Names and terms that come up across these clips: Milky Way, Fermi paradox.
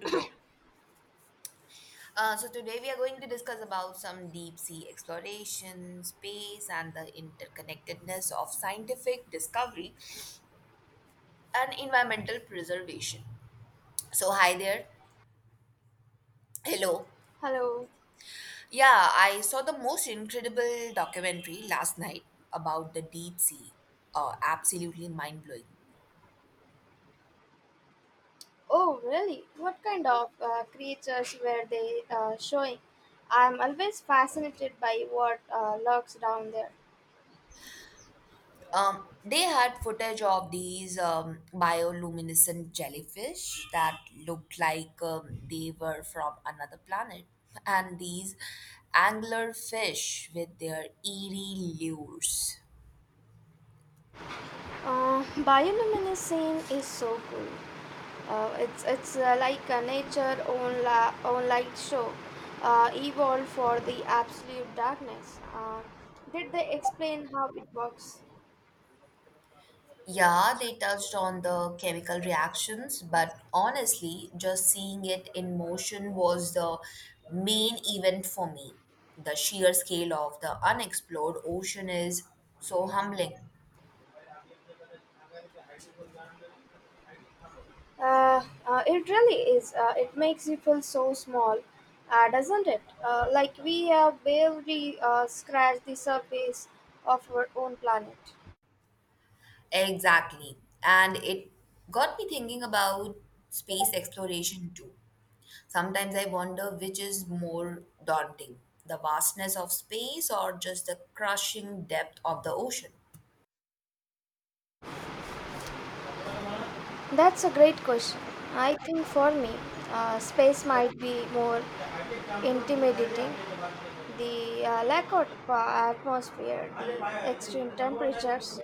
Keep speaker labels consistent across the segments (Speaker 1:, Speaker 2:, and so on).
Speaker 1: To go. So today we are going to discuss about some deep sea exploration, space, and the interconnectedness of scientific discovery and environmental preservation. So hi there. Hello.
Speaker 2: Hello.
Speaker 1: Yeah, I saw the most incredible documentary last night about the deep sea. Absolutely mind blowing.
Speaker 2: Oh, really? What kind of creatures were they showing? I'm always fascinated by what lurks down there.
Speaker 1: They had footage of these bioluminescent jellyfish that looked like they were from another planet, and these anglerfish with their eerie lures.
Speaker 2: Bioluminescence is so cool. It's like a own light show, evolved for the absolute darkness. Did they explain how it works?
Speaker 1: Yeah, they touched on the chemical reactions, but honestly, just seeing it in motion was the main event for me. The sheer scale of the unexplored ocean is so humbling.
Speaker 2: It really is. It makes you feel so small, doesn't it? Like we have barely scratched the surface of our own planet.
Speaker 1: Exactly. And it got me thinking about space exploration too. Sometimes I wonder which is more daunting, the vastness of space or just the crushing depth of the ocean.
Speaker 2: That's a great question. I think for me, space might be more intimidating. The lack of atmosphere, the extreme temperatures,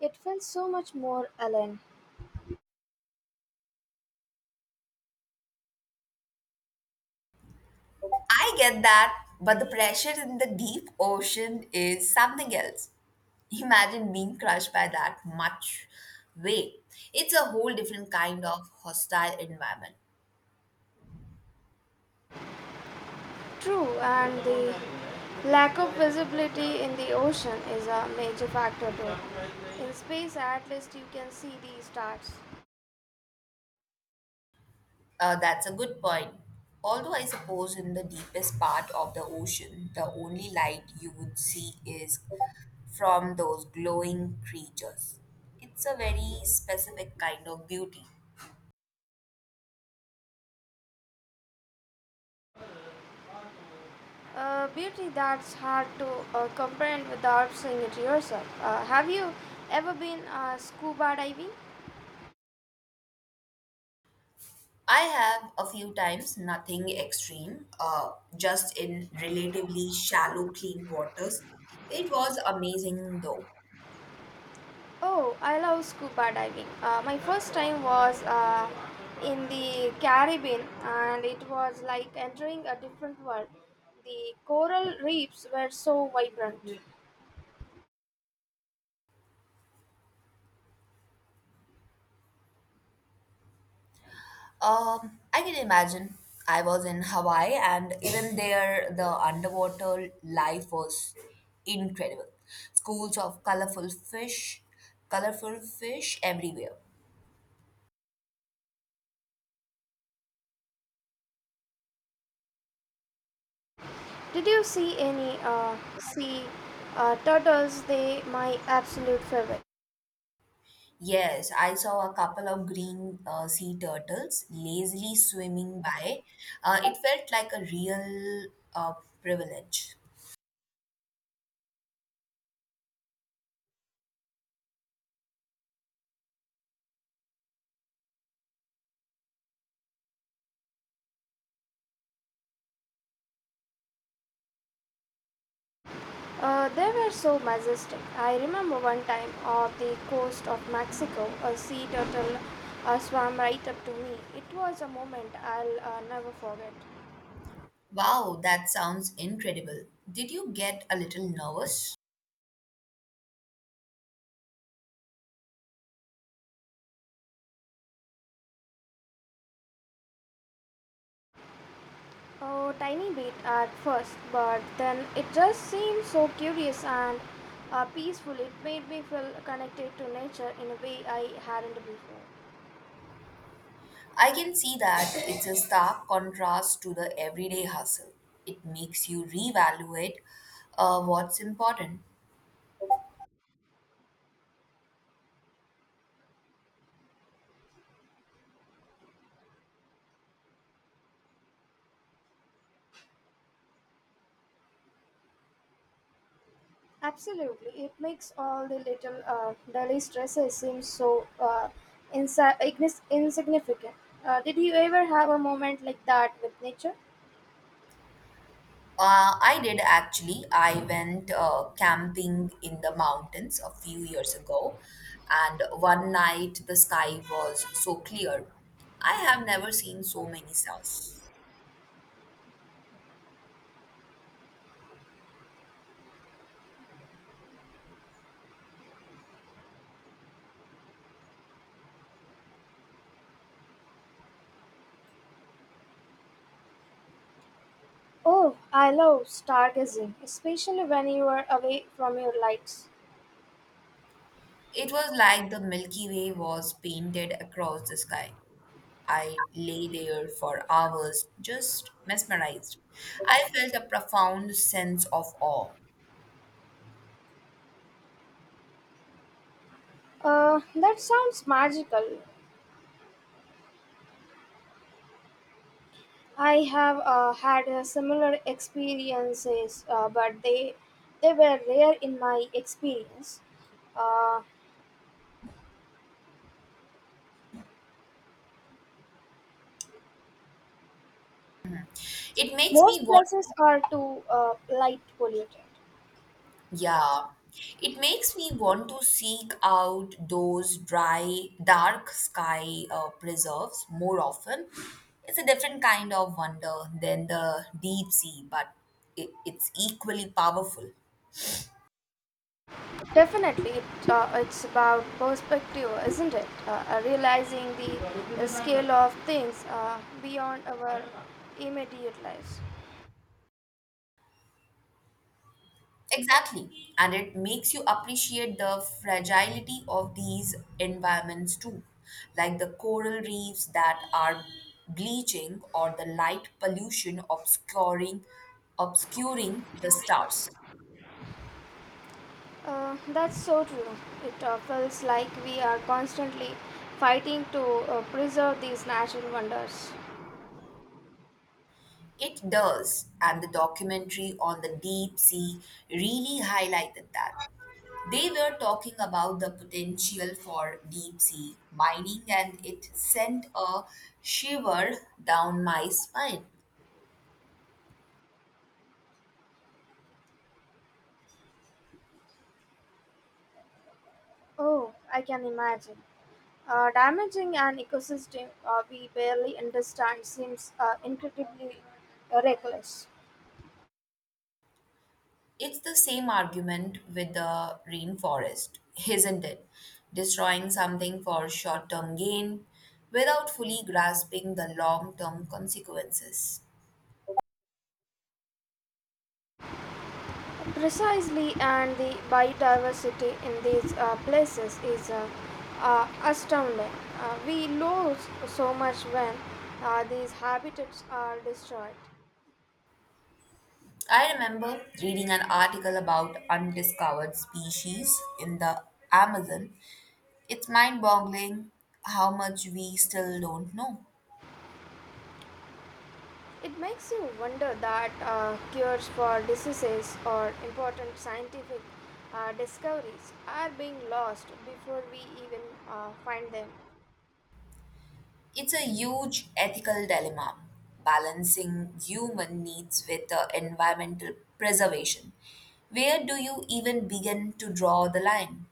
Speaker 2: it feels so much more alien.
Speaker 1: I get that, but the pressure in the deep ocean is something else. Imagine being crushed by that much weight. It's a whole different kind of hostile environment.
Speaker 2: True, and the lack of visibility in the ocean is a major factor too. In space, at least you can see the stars.
Speaker 1: That's a good point. Although I suppose in the deepest part of the ocean, the only light you would see is from those glowing creatures. It's a very specific kind of beauty.
Speaker 2: A beauty that's hard to comprehend without seeing it yourself. Have you ever been scuba diving?
Speaker 1: I have a few times, nothing extreme, just in relatively shallow, clean waters. It was amazing though.
Speaker 2: Oh, I love scuba diving. My first time was in the Caribbean, and it was like entering a different world. The coral reefs were so vibrant.
Speaker 1: I can imagine. I was in Hawaii, and even there, the underwater life was incredible. Schools of colorful fish everywhere.
Speaker 2: Did you see any sea turtles? They my absolute favorite.
Speaker 1: Yes, I saw a couple of green sea turtles lazily swimming by. It felt like a real uh, privilege.
Speaker 2: They were so majestic. I remember one time off the coast of Mexico, a sea turtle swam right up to me. It was a moment I'll never forget.
Speaker 1: Wow, that sounds incredible. Did you get a little nervous?
Speaker 2: A tiny bit at first, but then it just seemed so curious and peaceful. It made me feel connected to nature in a way I hadn't before.
Speaker 1: I can see that. It's a stark contrast to the everyday hustle. It makes you reevaluate what's important.
Speaker 2: Absolutely, it makes all the little daily stresses seem so insignificant. Did you ever have a moment like that with nature?
Speaker 1: I did actually. I went camping in the mountains a few years ago, and one night the sky was so clear. I have never seen so many stars.
Speaker 2: Oh, I love stargazing, especially when you are away from your lights.
Speaker 1: It was like the Milky Way was painted across the sky. I lay there for hours, just mesmerized. I felt a profound sense of awe.
Speaker 2: That sounds magical. I have had similar experiences, but they were rare in my experience. Uh,
Speaker 1: It makes me
Speaker 2: Most
Speaker 1: want,
Speaker 2: places are too light polluted.
Speaker 1: yeah, it makes me want to seek out those dry, dark sky preserves more often. It's a different kind of wonder than the deep sea, but it's equally powerful.
Speaker 2: Definitely, it, it's about perspective, isn't it? Realizing the scale of things beyond our immediate lives.
Speaker 1: Exactly. And it makes you appreciate the fragility of these environments too, like the coral reefs that are bleaching, or the light pollution obscuring the stars.
Speaker 2: That's so true. It feels like we are constantly fighting to preserve these natural wonders.
Speaker 1: It does, and the documentary on the deep sea really highlighted that. They were talking about the potential for deep sea mining, and it sent a shiver down my spine.
Speaker 2: Oh, I can imagine. Damaging an ecosystem we barely understand seems incredibly reckless.
Speaker 1: It's the same argument with the rainforest, isn't it? Destroying something for short term gain without fully grasping the long term consequences.
Speaker 2: Precisely, and the biodiversity in these places is astounding. We lose so much when these habitats are destroyed.
Speaker 1: I remember reading an article about undiscovered species in the Amazon. It's mind boggling how much we still don't know.
Speaker 2: It makes you wonder that cures for diseases or important scientific discoveries are being lost before we even find them.
Speaker 1: It's a huge ethical dilemma, balancing human needs with environmental preservation. Where do you even begin to draw the line?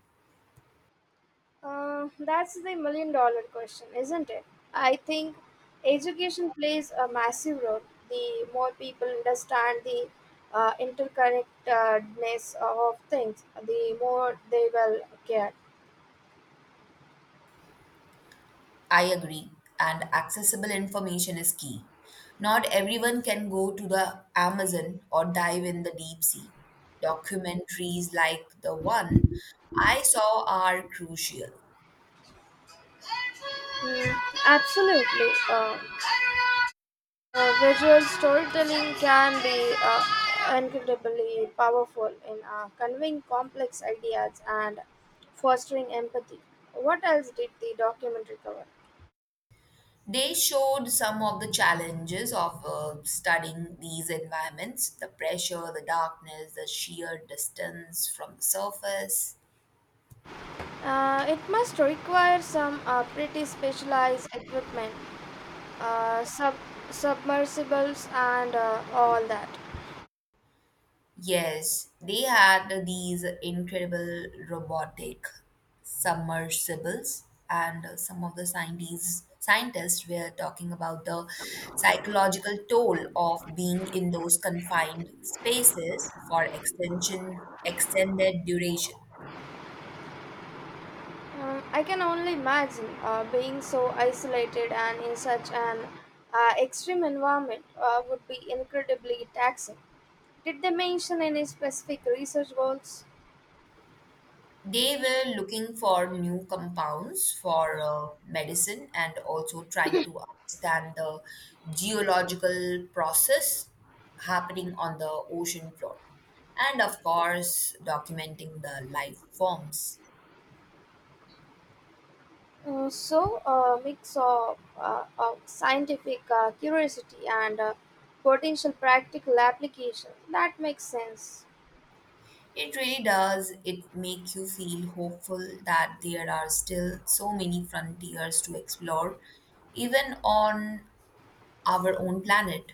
Speaker 2: That's the million dollar question, isn't it? I think education plays a massive role. The more people understand the interconnectedness of things, the more they will care.
Speaker 1: I agree, and accessible information is key. Not everyone can go to the Amazon or dive in the deep sea. Documentaries like the one I saw are crucial.
Speaker 2: Mm, absolutely. Visual storytelling can be incredibly powerful in conveying complex ideas and fostering empathy. What else did the documentary cover?
Speaker 1: They showed some of the challenges of studying these environments, the pressure, the darkness, the sheer distance from the surface.
Speaker 2: It must require some pretty specialized equipment, uh, sub- submersibles, and all that.
Speaker 1: Yes, they had these incredible robotic submersibles, and some of the scientists were talking about the psychological toll of being in those confined spaces for extension extended duration.
Speaker 2: I can only imagine being so isolated and in such an extreme environment would be incredibly taxing. Did they mention any specific research goals?
Speaker 1: They were looking for new compounds for medicine, and also trying to understand the geological process happening on the ocean floor. And of course, documenting the life forms.
Speaker 2: So, a mix of scientific curiosity and potential practical application. That makes sense.
Speaker 1: It really does. It make you feel hopeful that there are still so many frontiers to explore, even on our own planet.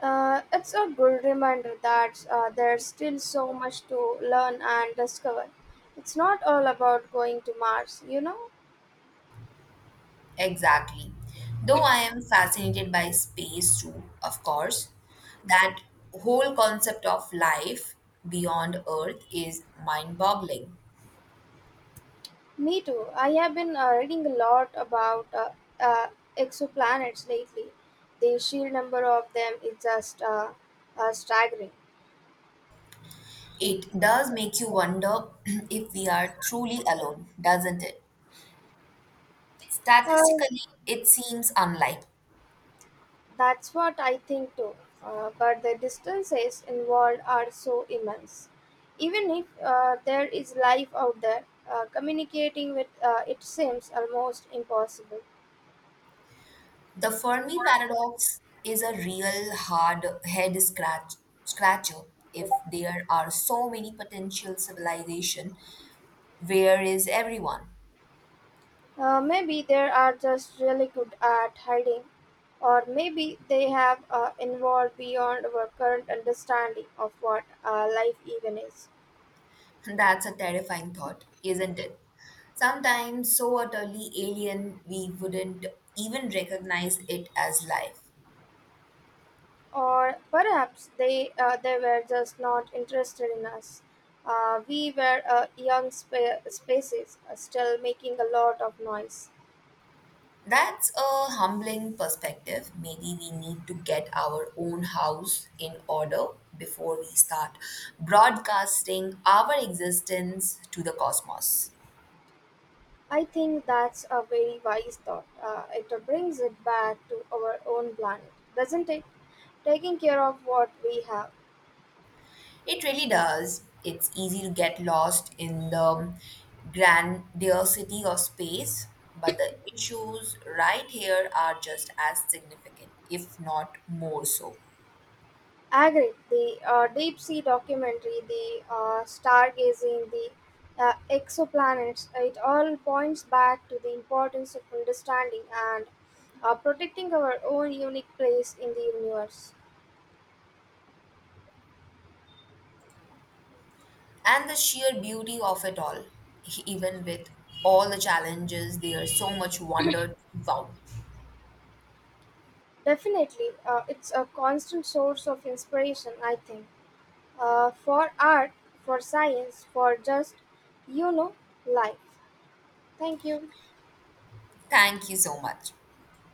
Speaker 2: It's a good reminder that there's still so much to learn and discover. It's not all about going to Mars, you know?
Speaker 1: Exactly. Though I am fascinated by space too, of course, that whole concept of life beyond Earth is mind boggling.
Speaker 2: Me too. I have been reading a lot about uh, exoplanets lately. The sheer number of them is just staggering.
Speaker 1: It does make you wonder if we are truly alone, doesn't it?
Speaker 2: Uh,
Speaker 1: Statistically, it seems unlikely.
Speaker 2: That's what I think too. But the distances involved are so immense. Even if there is life out there, communicating with it seems almost impossible.
Speaker 1: The Fermi paradox is a real hard head scratch scratcher. If there are so many potential civilization, where is everyone?
Speaker 2: Maybe they are just really good at hiding, or maybe they have evolved beyond our current understanding of what life even is.
Speaker 1: That's a terrifying thought, isn't it? Sometimes so utterly alien we wouldn't even recognize it as life.
Speaker 2: Or perhaps they were just not interested in us. We were a young species, still making a lot of noise.
Speaker 1: That's a humbling perspective. Maybe we need to get our own house in order before we start broadcasting our existence to the cosmos.
Speaker 2: I think that's a very wise thought. It brings it back to our own planet, doesn't it? Taking care of what we have.
Speaker 1: It really does. It's easy to get lost in the grandiosity of space, but the issues right here are just as significant, if not more so.
Speaker 2: Agree. The deep sea documentary, the stargazing, the exoplanets, it all points back to the importance of understanding and protecting our own unique place in the universe.
Speaker 1: And the sheer beauty of it all, even with all the challenges, there's so much wonder to be found.
Speaker 2: Definitely, it's a constant source of inspiration, I think, for art, for science, for just, you know, life. Thank you.
Speaker 1: Thank you so much.